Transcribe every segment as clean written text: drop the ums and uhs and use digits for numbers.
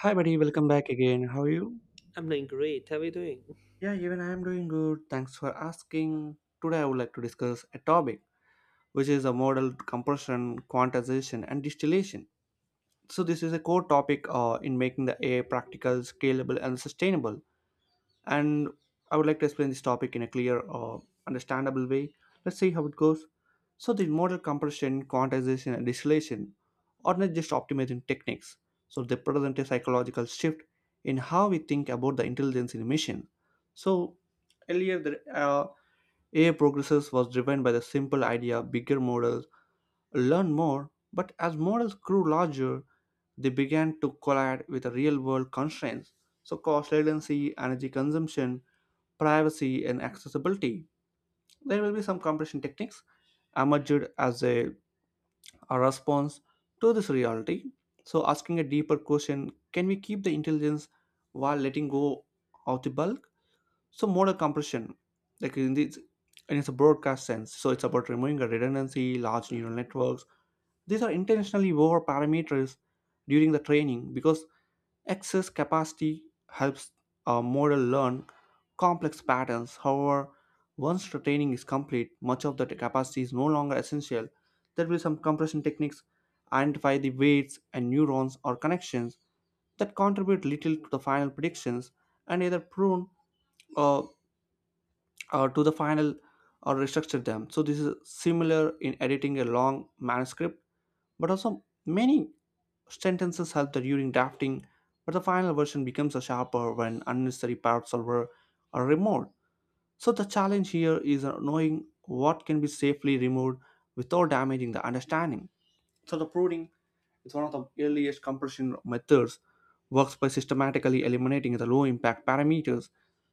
Hi, buddy. Welcome back again. How are you? I'm doing great. How are you doing? Yeah, even I am doing good. Thanks for asking. Today, I would like to discuss a topic which is a model compression, quantization, and distillation. So this is a core topic in making the AI practical, scalable, and sustainable. And I would like to explain this topic in a clear or understandable way. Let's see how it goes. So the model compression, quantization, and distillation are not just optimizing techniques, so they present a psychological shift in how we think about the intelligence in a machine. So earlier, the AI progresses was driven by the simple idea bigger models learn more, but as models grew larger, they began to collide with the real world constraints. So cost, latency, energy consumption, privacy, and accessibility. There will be some compression techniques emerged as a response to this reality. So, asking a deeper question, can we keep the intelligence while letting go of the bulk? So modal compression, like in this, in its broadcast sense, so it's about removing a redundancy, large neural networks. These are intentionally over parameters during the training because excess capacity helps a model learn complex patterns. However, once the training is complete, much of the capacity is no longer essential. There will be some compression techniques, identify the weights and neurons or connections that contribute little to the final predictions and either prune or, or to the final or restructure them. So this is similar in editing a long manuscript, but also many sentences help during drafting, but the final version becomes a sharper when unnecessary parts are removed. So the challenge here is knowing what can be safely removed without damaging the understanding. So the pruning is one of the earliest compression methods, works by systematically eliminating the low impact parameters.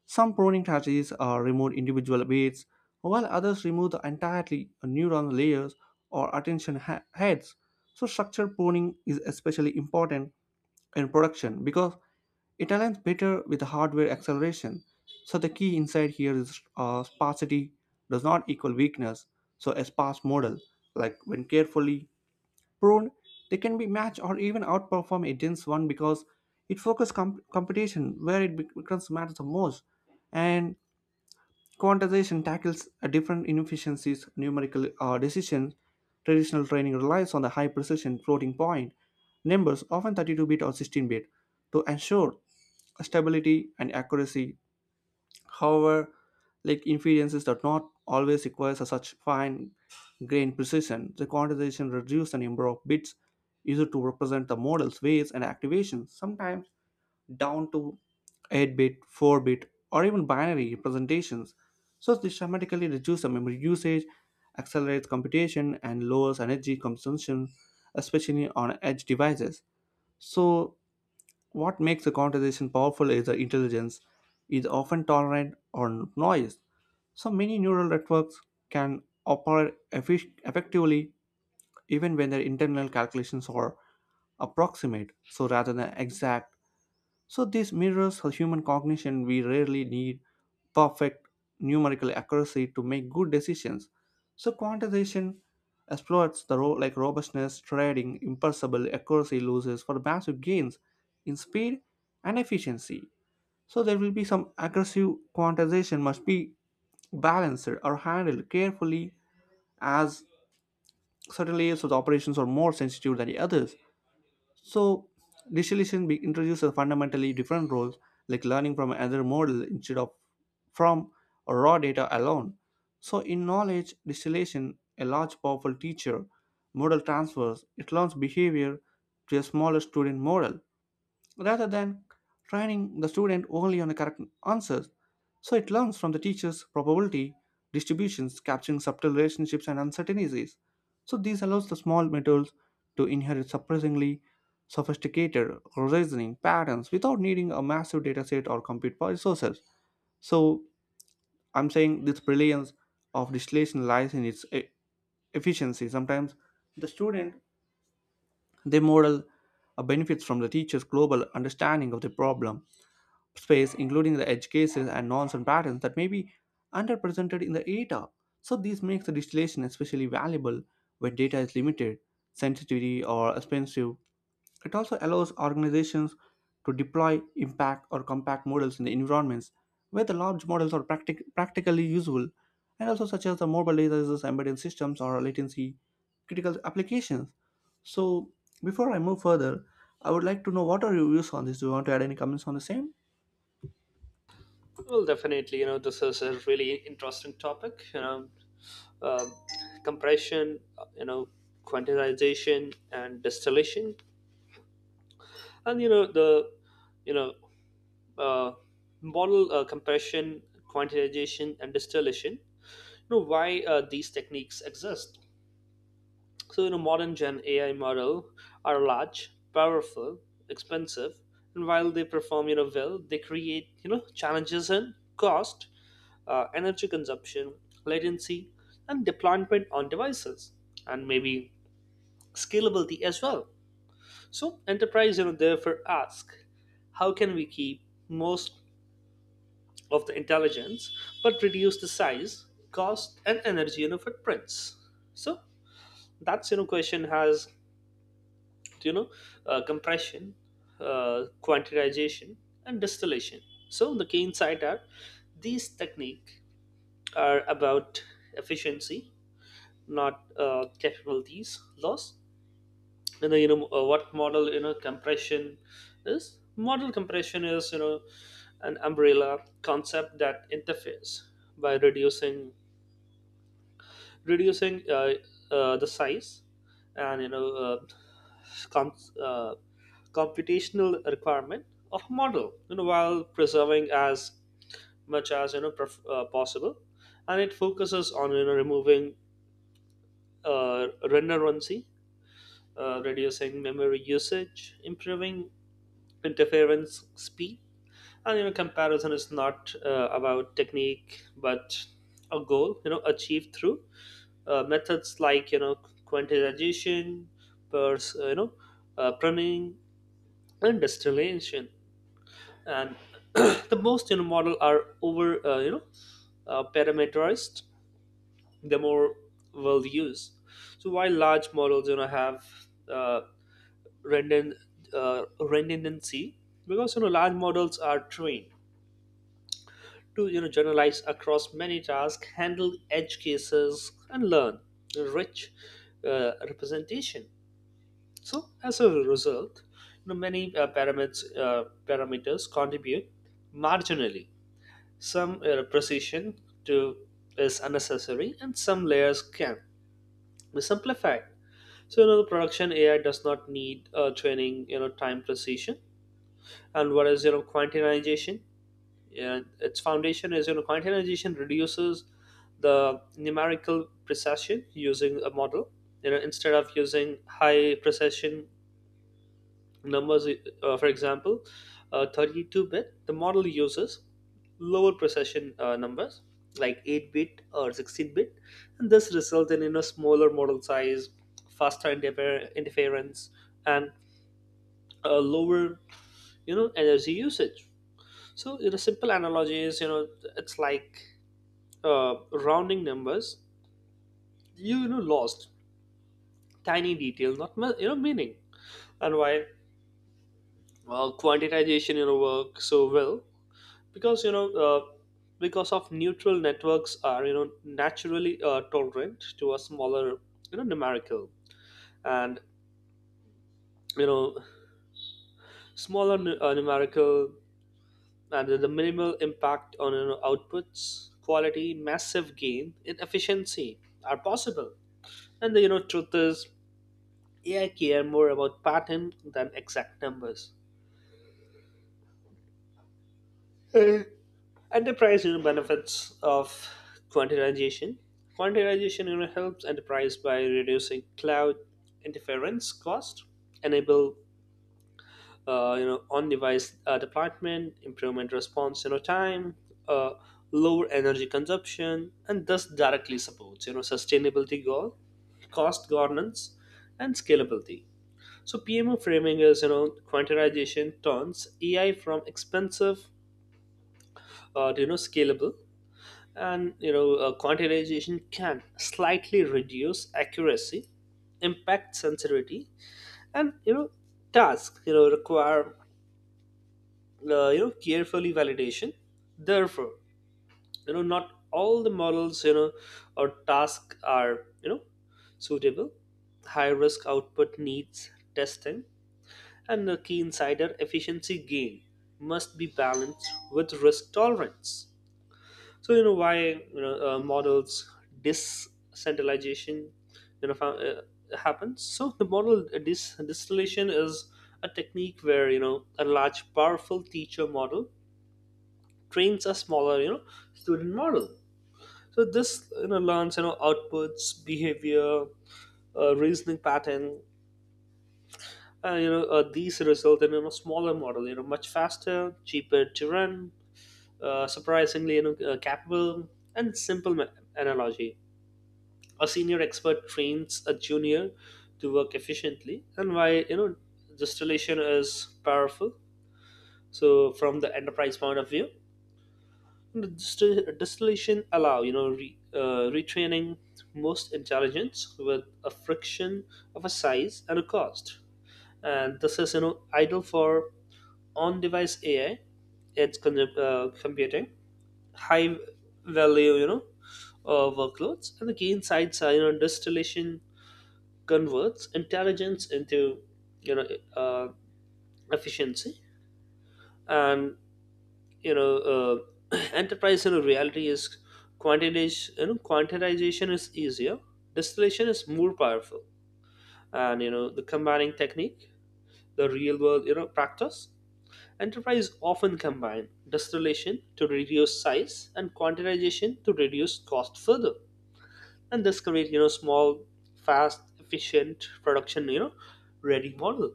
Some pruning strategies remove individual weights, while others remove the entirely neuron layers or attention heads. So structure pruning is especially important in production because it aligns better with the hardware acceleration. So the key insight here is sparsity does not equal weakness. So a sparse model, like when carefully pruned, they can be matched or even outperform a dense one because it focuses competition where it becomes matters the most. And quantization tackles a different inefficiencies, numerical decisions. Traditional training relies on the high precision floating point numbers, often 32-bit or 16-bit, to ensure stability and accuracy. However, like inferences do not always require such fine-grained precision. The quantization reduces the number of bits used to represent the model's weights and activations. Sometimes down to 8 bit, 4 bit, or even binary representations. So this dramatically reduces the memory usage, accelerates computation, and lowers energy consumption, especially on edge devices. So what makes a conversation powerful is the intelligence is often tolerant on noise. So many neural networks can operate effectively even when their internal calculations are approximate. So rather than exact, so this mirrors the human cognition. We rarely need perfect numerical accuracy to make good decisions. So quantization exploits the role like robustness, trading, impossible accuracy loses for massive gains in speed and efficiency. So there will be some aggressive quantization must be balanced or handled carefully as certain layers of the operations are more sensitive than the others. So distillation introduces a fundamentally different roles like learning from another model instead of from raw data alone. So in knowledge distillation, a large powerful teacher model transfers, it learns behavior to a smaller student model rather than training the student only on the correct answers. So it learns from the teacher's probability distributions, capturing subtle relationships and uncertainties. So this allows the small metals to inherit surprisingly sophisticated reasoning patterns without needing a massive dataset or compute power resources. So I'm saying this brilliance of distillation lies in its efficiency. Sometimes the student they model benefits from the teacher's global understanding of the problem space, including the edge cases and nonsense patterns that may be underrepresented in the data. So this makes the distillation especially valuable when data is limited, sensitive, or expensive. It also allows organizations to deploy impact or compact models in the environments where the large models are practically usable, and also such as the mobile devices, embedded systems, or latency critical applications. So before I move further, I would like to know what are your views on this. Do you want to add any comments on the same? Well, definitely, this is a really interesting topic, um, compression, quantization and distillation. And, you know, uh, model compression, quantization and distillation, why these techniques exist. So, in a modern gen AI model are large, powerful, expensive, and while they perform, well, they create, challenges in cost, energy consumption, latency, and deployment on devices, and maybe scalability as well. So, enterprise, therefore ask, how can we keep most of the intelligence but reduce the size, cost, and energy, footprints? So, that's question has you know compression, quantitization, and distillation. So the key insight are these technique are about efficiency, not capabilities loss. And then, what model, compression is, model compression is, an umbrella concept that interfares by reducing the size and com- uh, computational requirement of model, while preserving as much as possible. And it focuses on removing redundancy, reducing memory usage, improving interference speed. And comparison is not about technique but a goal, achieved through methods like quantization, pers- uh, you know pruning, and distillation. And the most, model are over parameterized, the more we'll use. So while large models have uh, redund- redundancy, because large models are trained to generalize across many tasks, handle edge cases, and learn rich representation. So as a result, many parameters contribute marginally. Some precision to is unnecessary, and some layers can be simplified. So the production AI does not need training, time precision. And what is quantization? Yeah, its foundation is quantization reduces the numerical precision using a model. Instead of using high precision numbers, for example, 32 bit, the model uses lower precision numbers like 8 bit or 16 bit, and this results in a smaller model size, faster interference, and a lower, energy usage. So in a simple analogy is, it's like rounding numbers, lost tiny detail, not meaning. And why? Well, quantitization work so well because because of neutral networks are naturally tolerant to a smaller, numerical, and you know smaller numerical, and the minimal impact on outputs quality, massive gain in efficiency are possible. And the truth is AI care more about pattern than exact numbers. Uh, Enterprise, benefits of quantization. Quantization helps enterprise by reducing cloud interference cost, enable on-device deployment, improvement response time, uh, lower energy consumption, and thus directly supports sustainability goal, cost governance, and scalability. So PMO framing is quantization turns AI from expensive to scalable. And quantization can slightly reduce accuracy, impact sensitivity, and tasks require carefully validation. Therefore not all the models, or tasks are suitable. High risk output needs testing, and the key insider efficiency gain must be balanced with risk tolerance. So why models decentralization happens. So the distillation is a technique where a large powerful teacher model trains a smaller student model. So this learns outputs behavior, reasoning pattern. These result in smaller model, much faster, cheaper to run, surprisingly capable. And simple analogy: a senior expert trains a junior to work efficiently. And why this distillation is powerful. So from the enterprise point of view, the distillation allow retraining most intelligence with a friction of a size and a cost. And this is ideal for on device AI, edge computing, high value workloads. And the key insights are distillation converts intelligence into you know uh, efficiency. And you know uh, enterprise reality is, quantization you know quantization is easier, distillation is more powerful. And the combining technique, the real world practice: enterprise often combine distillation to reduce size and quantization to reduce cost further. And this creates small, fast, efficient production ready model.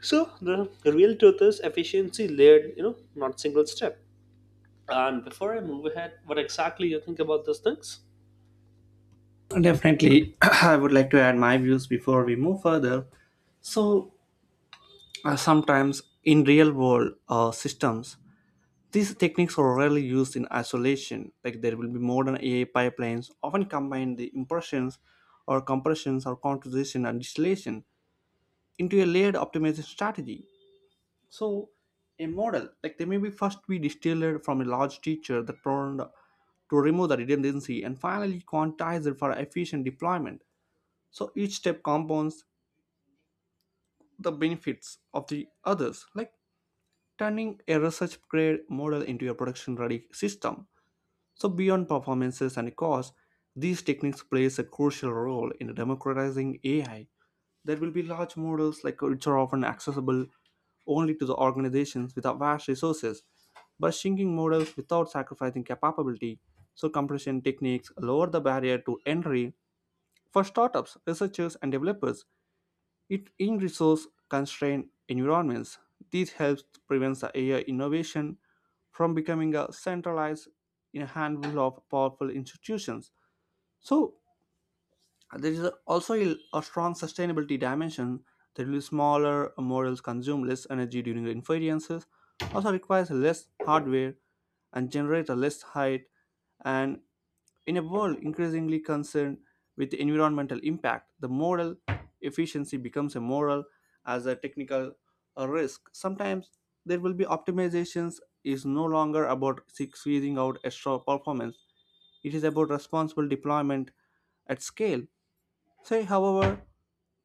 So the real truth is efficiency layered, not single step. And before I move ahead, what exactly you think about these things? Definitely, I would like to add my views before we move further. So, sometimes in real world systems, these techniques are rarely used in isolation. Like there will be modern AI pipelines often combine the impressions or compressions or composition and distillation into a layered optimization strategy. So a model like they may be first be distilled from a large teacher that turned to remove the redundancy and finally quantized it for efficient deployment. So each step compounds the benefits of the others, like turning a research grade model into a production ready system. So beyond performances and cost, these techniques plays a crucial role in democratizing AI. There will be large models like which are often accessible only to the organizations with vast resources, but shrinking models without sacrificing capability. So compression techniques lower the barrier to entry for startups, researchers, and developers it in resource constrained environments, this helps prevent the AI innovation from becoming a centralized in a handful of powerful institutions. So there is a strong sustainability dimension that will be smaller models consume less energy during the inferences, also requires less hardware and generate a less height and in a world increasingly concerned with environmental impact, the model efficiency becomes a moral as a technical risk. Sometimes there will be optimizations is no longer about squeezing out extra performance. It is about responsible deployment at scale. Say, however,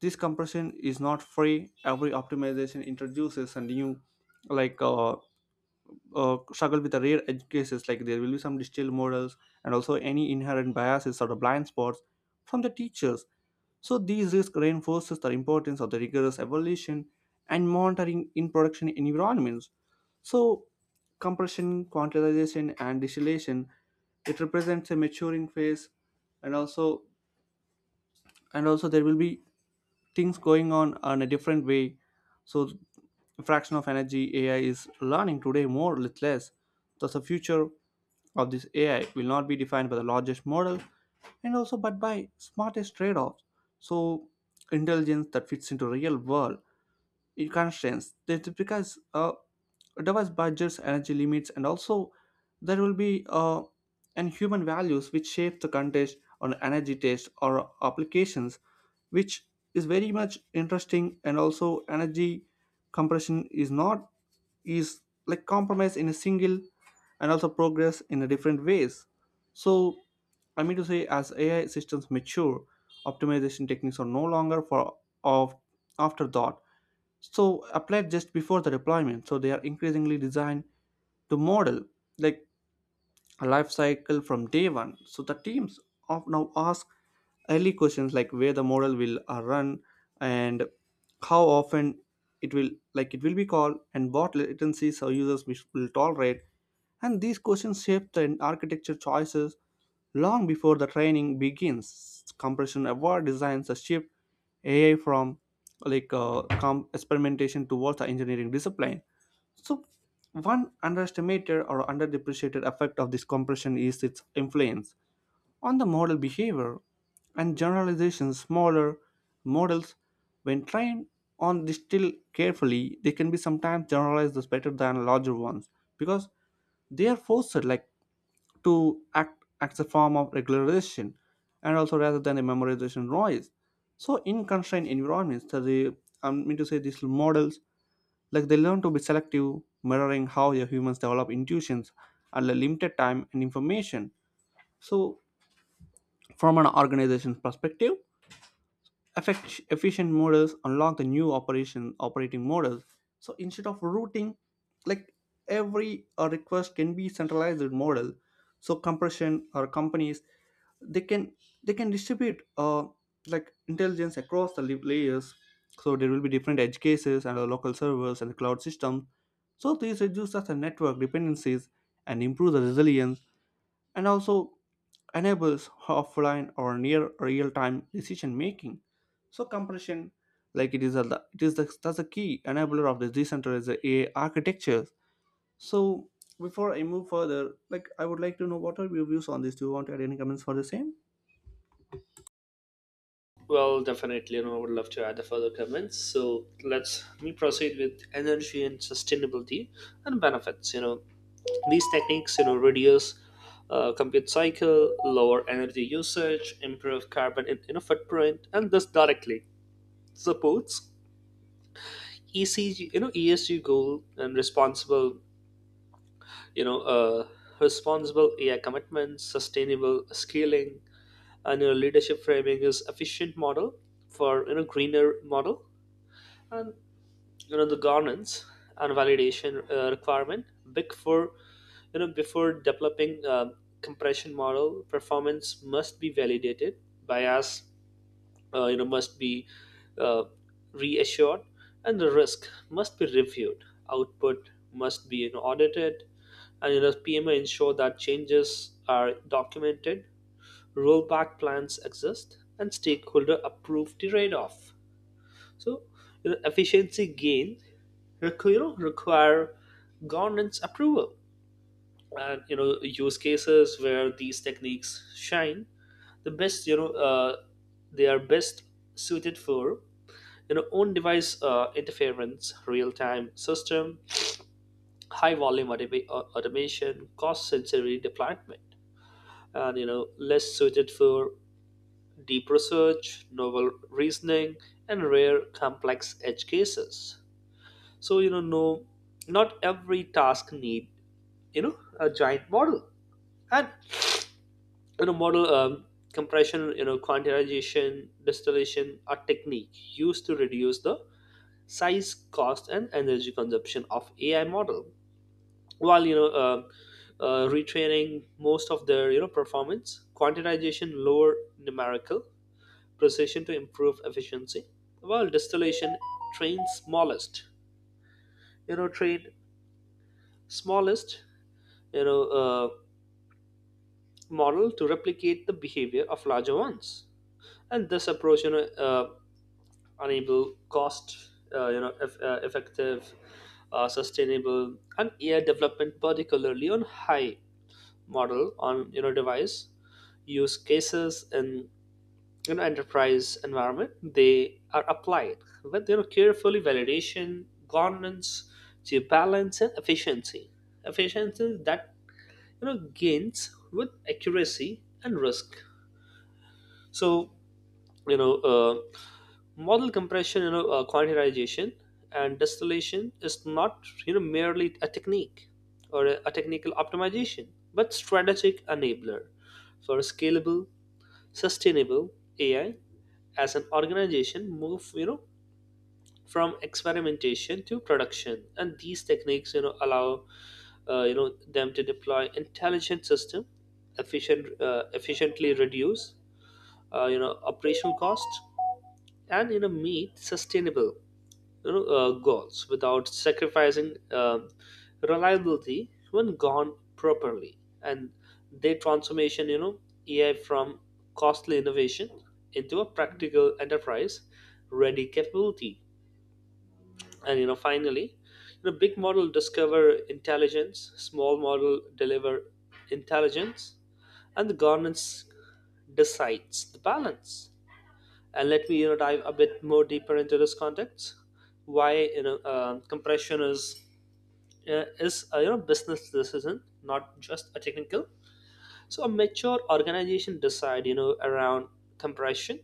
this compression is not free. Every optimization introduces a new, like uh, struggle with the rare edge cases like there will be some digital models and also any inherent biases or the blind spots from the teachers. So these risks reinforces the importance of the rigorous evaluation and monitoring in production environments. So compression, quantization, and distillation, it represents a maturing phase and also and also there will be things going on in a different way. So fraction of energy AI is learning today more with less. Thus the future of this AI will not be defined by the largest model and also but by smartest trade-offs. So intelligence that fits into real world in constraints that because device budgets energy limits and also there will be and human values which shape the contest on energy taste or applications which is very much interesting and also energy compression is not is like compromise in a single and also progress in a different ways. So I mean to say as AI systems mature, optimization techniques are no longer for of afterthought. So applied just before the deployment, so they are increasingly designed to model like a life cycle from day one. So the teams of now ask early questions like where the model will run and how often it will like it will be called and what latencies our users will tolerate. And these questions shape the architecture choices long before the training begins. Compression award designs a shift AI from experimentation towards the engineering discipline. So one underestimated or underdepreciated effect of this compression is its influence on the model behavior and generalization. Smaller models, when trained on this still carefully, they can be sometimes generalized as better than larger ones because they are forced like to act as a form of regularization and also rather than a memorization noise. So in constrained environments, so the I mean to say these models like they learn to be selective, mirroring how the humans develop intuitions at a limited time and information. So from an organization's perspective, efficient models unlock the new operation operating models so instead of routing like every request can be centralized in model so compression or companies they can they can distribute like intelligence across the layers so there will be different edge cases and the local servers and the cloud system so these reduces the network dependencies and improve the resilience and also enables offline or near real-time decision making. So compression, like it is a it is the, that's a key enabler of the decentralized AI architectures. So before I move further, like I would like to know what are your views on this? Do you want to add any comments for the same? Well, definitely, I would love to add the further comments. So let me proceed with energy and sustainability and benefits. These techniques reduce compute cycle, lower energy usage, improve carbon footprint, and this directly supports ECG, ESG goal and responsible you know responsible AI commitments, sustainable scaling. And leadership framing is efficient model for greener model. And the governance and validation requirement big for before developing compression, model performance must be validated by us, must be uh, reassured, and the risk must be reviewed, output must be audited. And PMA ensure that changes are documented, rollback plans exist, and stakeholder approve the trade-off. So efficiency gain require governance approval. And use cases where these techniques shine the best, they are best suited for on device interference, real time system, high volume automation, cost sensitive deployment. And less suited for deep research, novel reasoning, and rare complex edge cases. So no, not every task need a giant model. And model compression, quantization, distillation are technique used to reduce the size, cost, and energy consumption of AI model. While retraining most of their performance, quantitization lower numerical precision to improve efficiency, while distillation train smallest train smallest you know uh, model to replicate the behavior of larger ones. And this approach Unable, cost effective, sustainable, and AI development, particularly on high model, on device use cases, in enterprise environment, they are applied with carefully validation governance to balance and efficiency that gains with accuracy and risk. So you know uh, model compression, quantitization, and distillation is not merely a technique or a technical optimization, but strategic enabler for scalable, sustainable AI. As an organization move from experimentation to production, and these techniques allow them to deploy intelligent system efficiently, reduce operational cost, and meet sustainable goals without sacrificing reliability when gone properly. And their transformation AI from costly innovation into a practical enterprise ready capability. And finally, big model discover intelligence, small model deliver intelligence, and the governance decides the balance. And let me dive a bit more deeper into this context. Why compression is a business decision, not just a technical. So a mature organization decide around compression,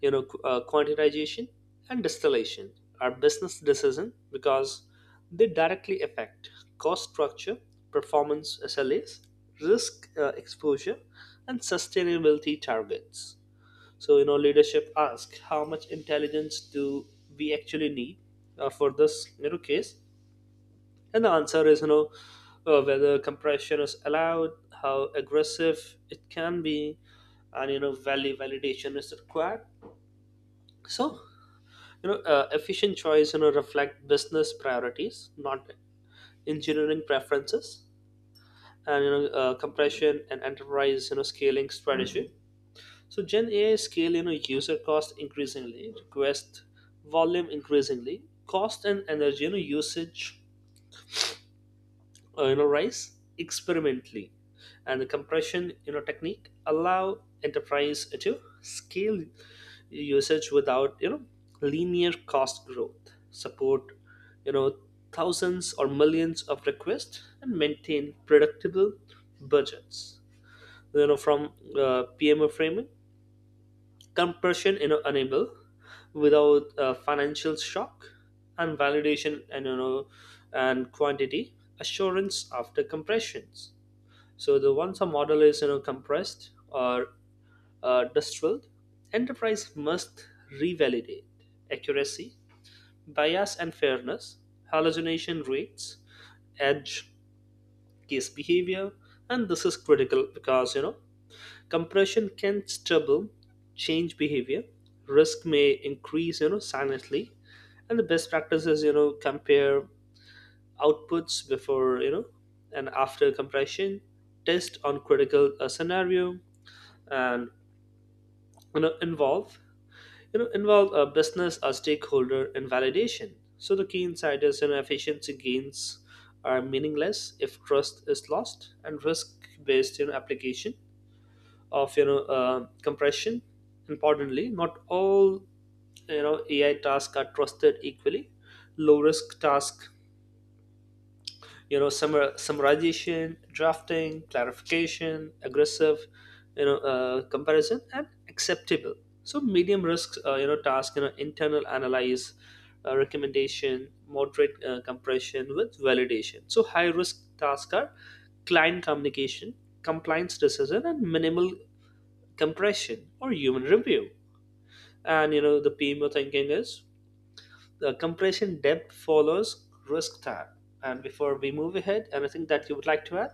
quantitization, and distillation are business decision because they directly affect cost structure, performance SLAs, risk exposure, and sustainability targets. So, leadership asks, how much intelligence do we actually need for this case? And the answer is, whether compression is allowed, how aggressive it can be, and, value validation is required. So, efficient choice reflect business priorities, not engineering preferences. And, compression and enterprise, scaling strategy. So Gen AI scale, user cost increasingly, request volume increasingly, cost and energy, usage, rise experimentally, and the compression, technique allow enterprise to scale usage without, linear cost growth, support you know, thousands or millions of requests, and maintain predictable budgets. From PMO framing, compression enable without a financial shock. And validation and quantity assurance after compressions. So the once a model is compressed or distilled, enterprise must revalidate accuracy, bias and fairness, hallucination rates, edge case behavior. And this is critical because compression can stubble change behavior. Risk may increase, silently. And the best practice is, compare outputs before, and after compression, test on critical scenario, and involve you know involve a business or stakeholder in validation. So the key insight is, efficiency gains are meaningless if trust is lost, and risk-based application of compression. Importantly, not all AI tasks are trusted equally. Low risk tasks, summarization, drafting, clarification, aggressive, comparison, and acceptable. So medium risk, task, internal analyze, recommendation, moderate compression with validation. So high risk tasks are client communication, compliance decision, and minimal compression or human review. And the PMO thinking is, the compression depth follows risk tab. And before we move ahead, anything that you would like to add?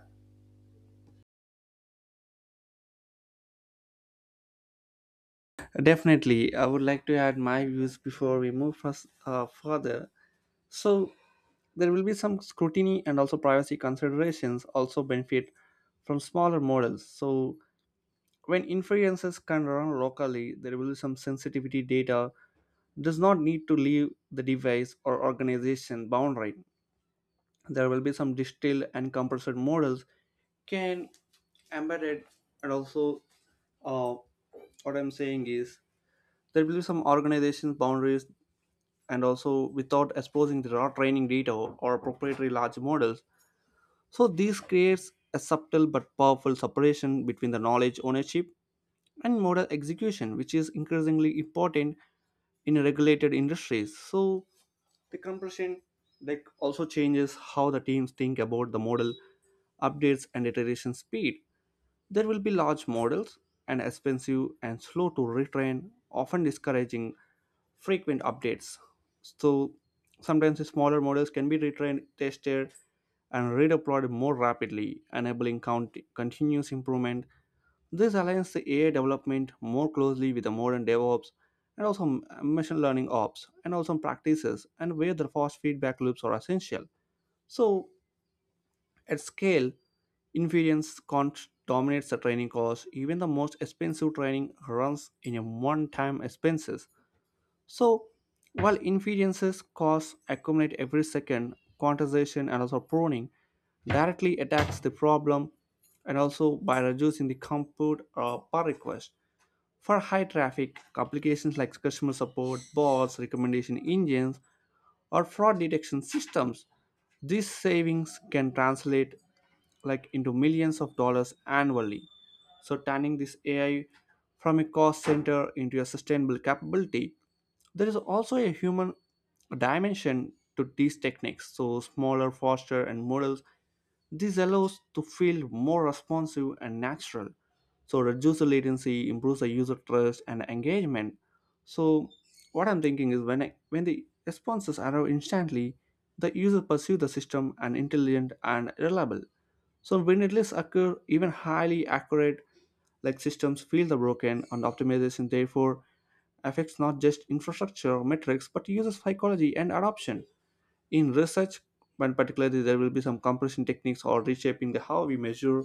Definitely, I would like to add my views before we move first, further. So there will be some scrutiny and also privacy considerations also benefit from smaller models. So, when inferences can run locally, there will be some sensitivity data does not need to leave the device or organization boundary. There will be some distilled and compressed models can embedded and also uh, what I'm saying is there will be some organization boundaries and also without exposing the raw training data or proprietary large models. So this creates a subtle but powerful separation between the knowledge ownership and model execution, which is increasingly important in regulated industries. So the compression like also changes how the teams think about the model updates and iteration speed. There will be large models and expensive and slow to retrain, often discouraging frequent updates. So sometimes the smaller models can be retrained, tested, and redeployed more rapidly, enabling continuous improvement. This aligns the AI development more closely with the modern DevOps and also machine learning ops and also practices and where the fast feedback loops are essential. So at scale, inference cost dominates the training cost. Even the most expensive training runs in a one-time expenses. So while inferences costs accumulate every second, quantization and also pruning directly attacks the problem and also by reducing the compute per request. For high traffic, applications like customer support, bots, recommendation engines, or fraud detection systems, these savings can translate like into millions of dollars annually. So turning this AI from a cost center into a sustainable capability, there is also a human dimension to these techniques. So smaller, faster, and more this allows to feel more responsive and natural. So reduce the latency, improves the user trust and engagement. So what I'm thinking is when the responses arrive instantly, the user perceives the system and intelligent and reliable. So when it occur, even highly accurate like systems feel the broken and optimization therefore affects not just infrastructure metrics but user psychology and adoption in research, and particularly there will be some compression techniques or reshaping the how we measure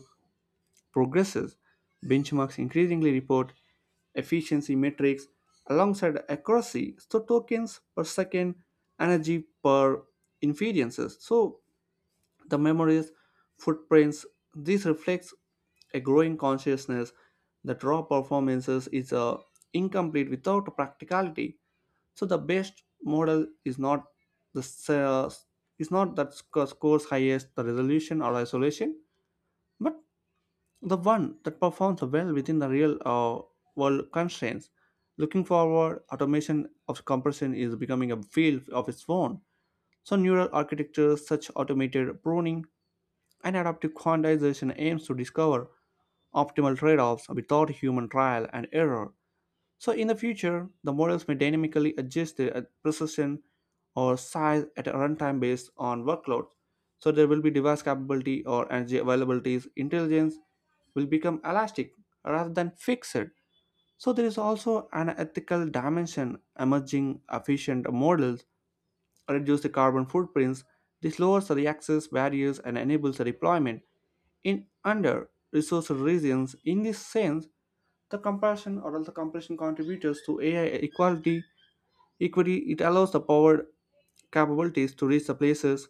progresses. Benchmarks increasingly report efficiency metrics alongside accuracy, so tokens per second, energy per inferences. So the memories, footprints, this reflects a growing consciousness that raw performances is incomplete without practicality. So the best model is not the s- uh, is not that scores highest the resolution or isolation, but the one that performs well within the real world constraints. Looking forward, automation of compression is becoming a field of its own. So neural architectures such automated pruning and adaptive quantization aims to discover optimal trade-offs without human trial and error. So in the future, the models may dynamically adjust their precision or size at a runtime based on workloads. So there will be device capability or energy availabilities. Intelligence will become elastic rather than fixed. So there is also an ethical dimension emerging efficient models reduce the carbon footprints. This lowers the access barriers and enables the deployment in under resourced regions. In this sense, the comparison or the comparison contributors to AI equality equity. It allows the powered capabilities to reach the places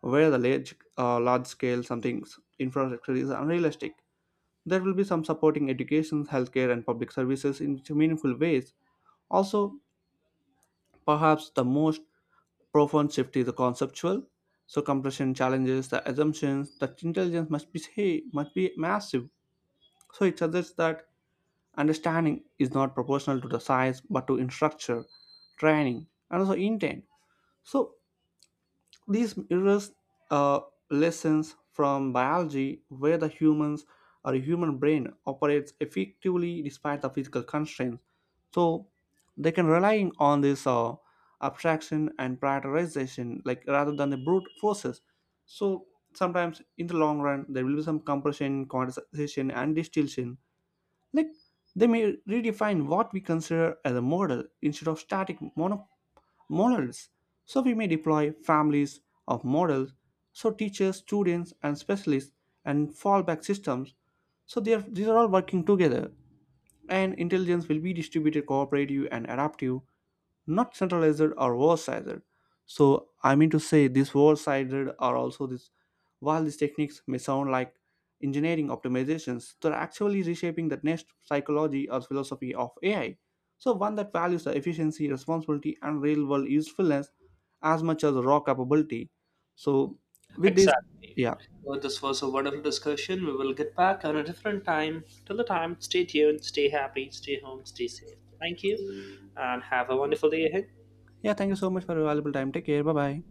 where the large, large scale something infrastructure is unrealistic. There will be some supporting education, healthcare, and public services in meaningful ways. Also, perhaps the most profound shift is the conceptual. So compression challenges the assumptions that intelligence must be hey, must be massive. So it suggests that understanding is not proportional to the size but to structure, training, and also intent. So these mirrors uh, lessons from biology where the humans or human brain operates effectively despite the physical constraints. So they can rely on this abstraction and prioritization like rather than the brute forces. So sometimes in the long run there will be some compression, quantization and distillation like they may redefine what we consider as a model instead of models. So we may deploy families of models, so teachers, students, and specialists, and fallback systems. So they are, these are all working together, and intelligence will be distributed, cooperative, and adaptive, not centralized or war-sided. So I mean to say these war-sided are also this, while these techniques may sound like engineering optimizations, they're actually reshaping the next psychology or philosophy of AI. So one that values the efficiency responsibility and real-world usefulness as much as raw capability. So with this. Exactly. Yeah. Well, this was a wonderful discussion. We will get back on a different time. Till the time, stay tuned, stay happy, stay home, stay safe. Thank you and have a wonderful day ahead. Yeah, thank you so much for your valuable time. Take care. Bye bye.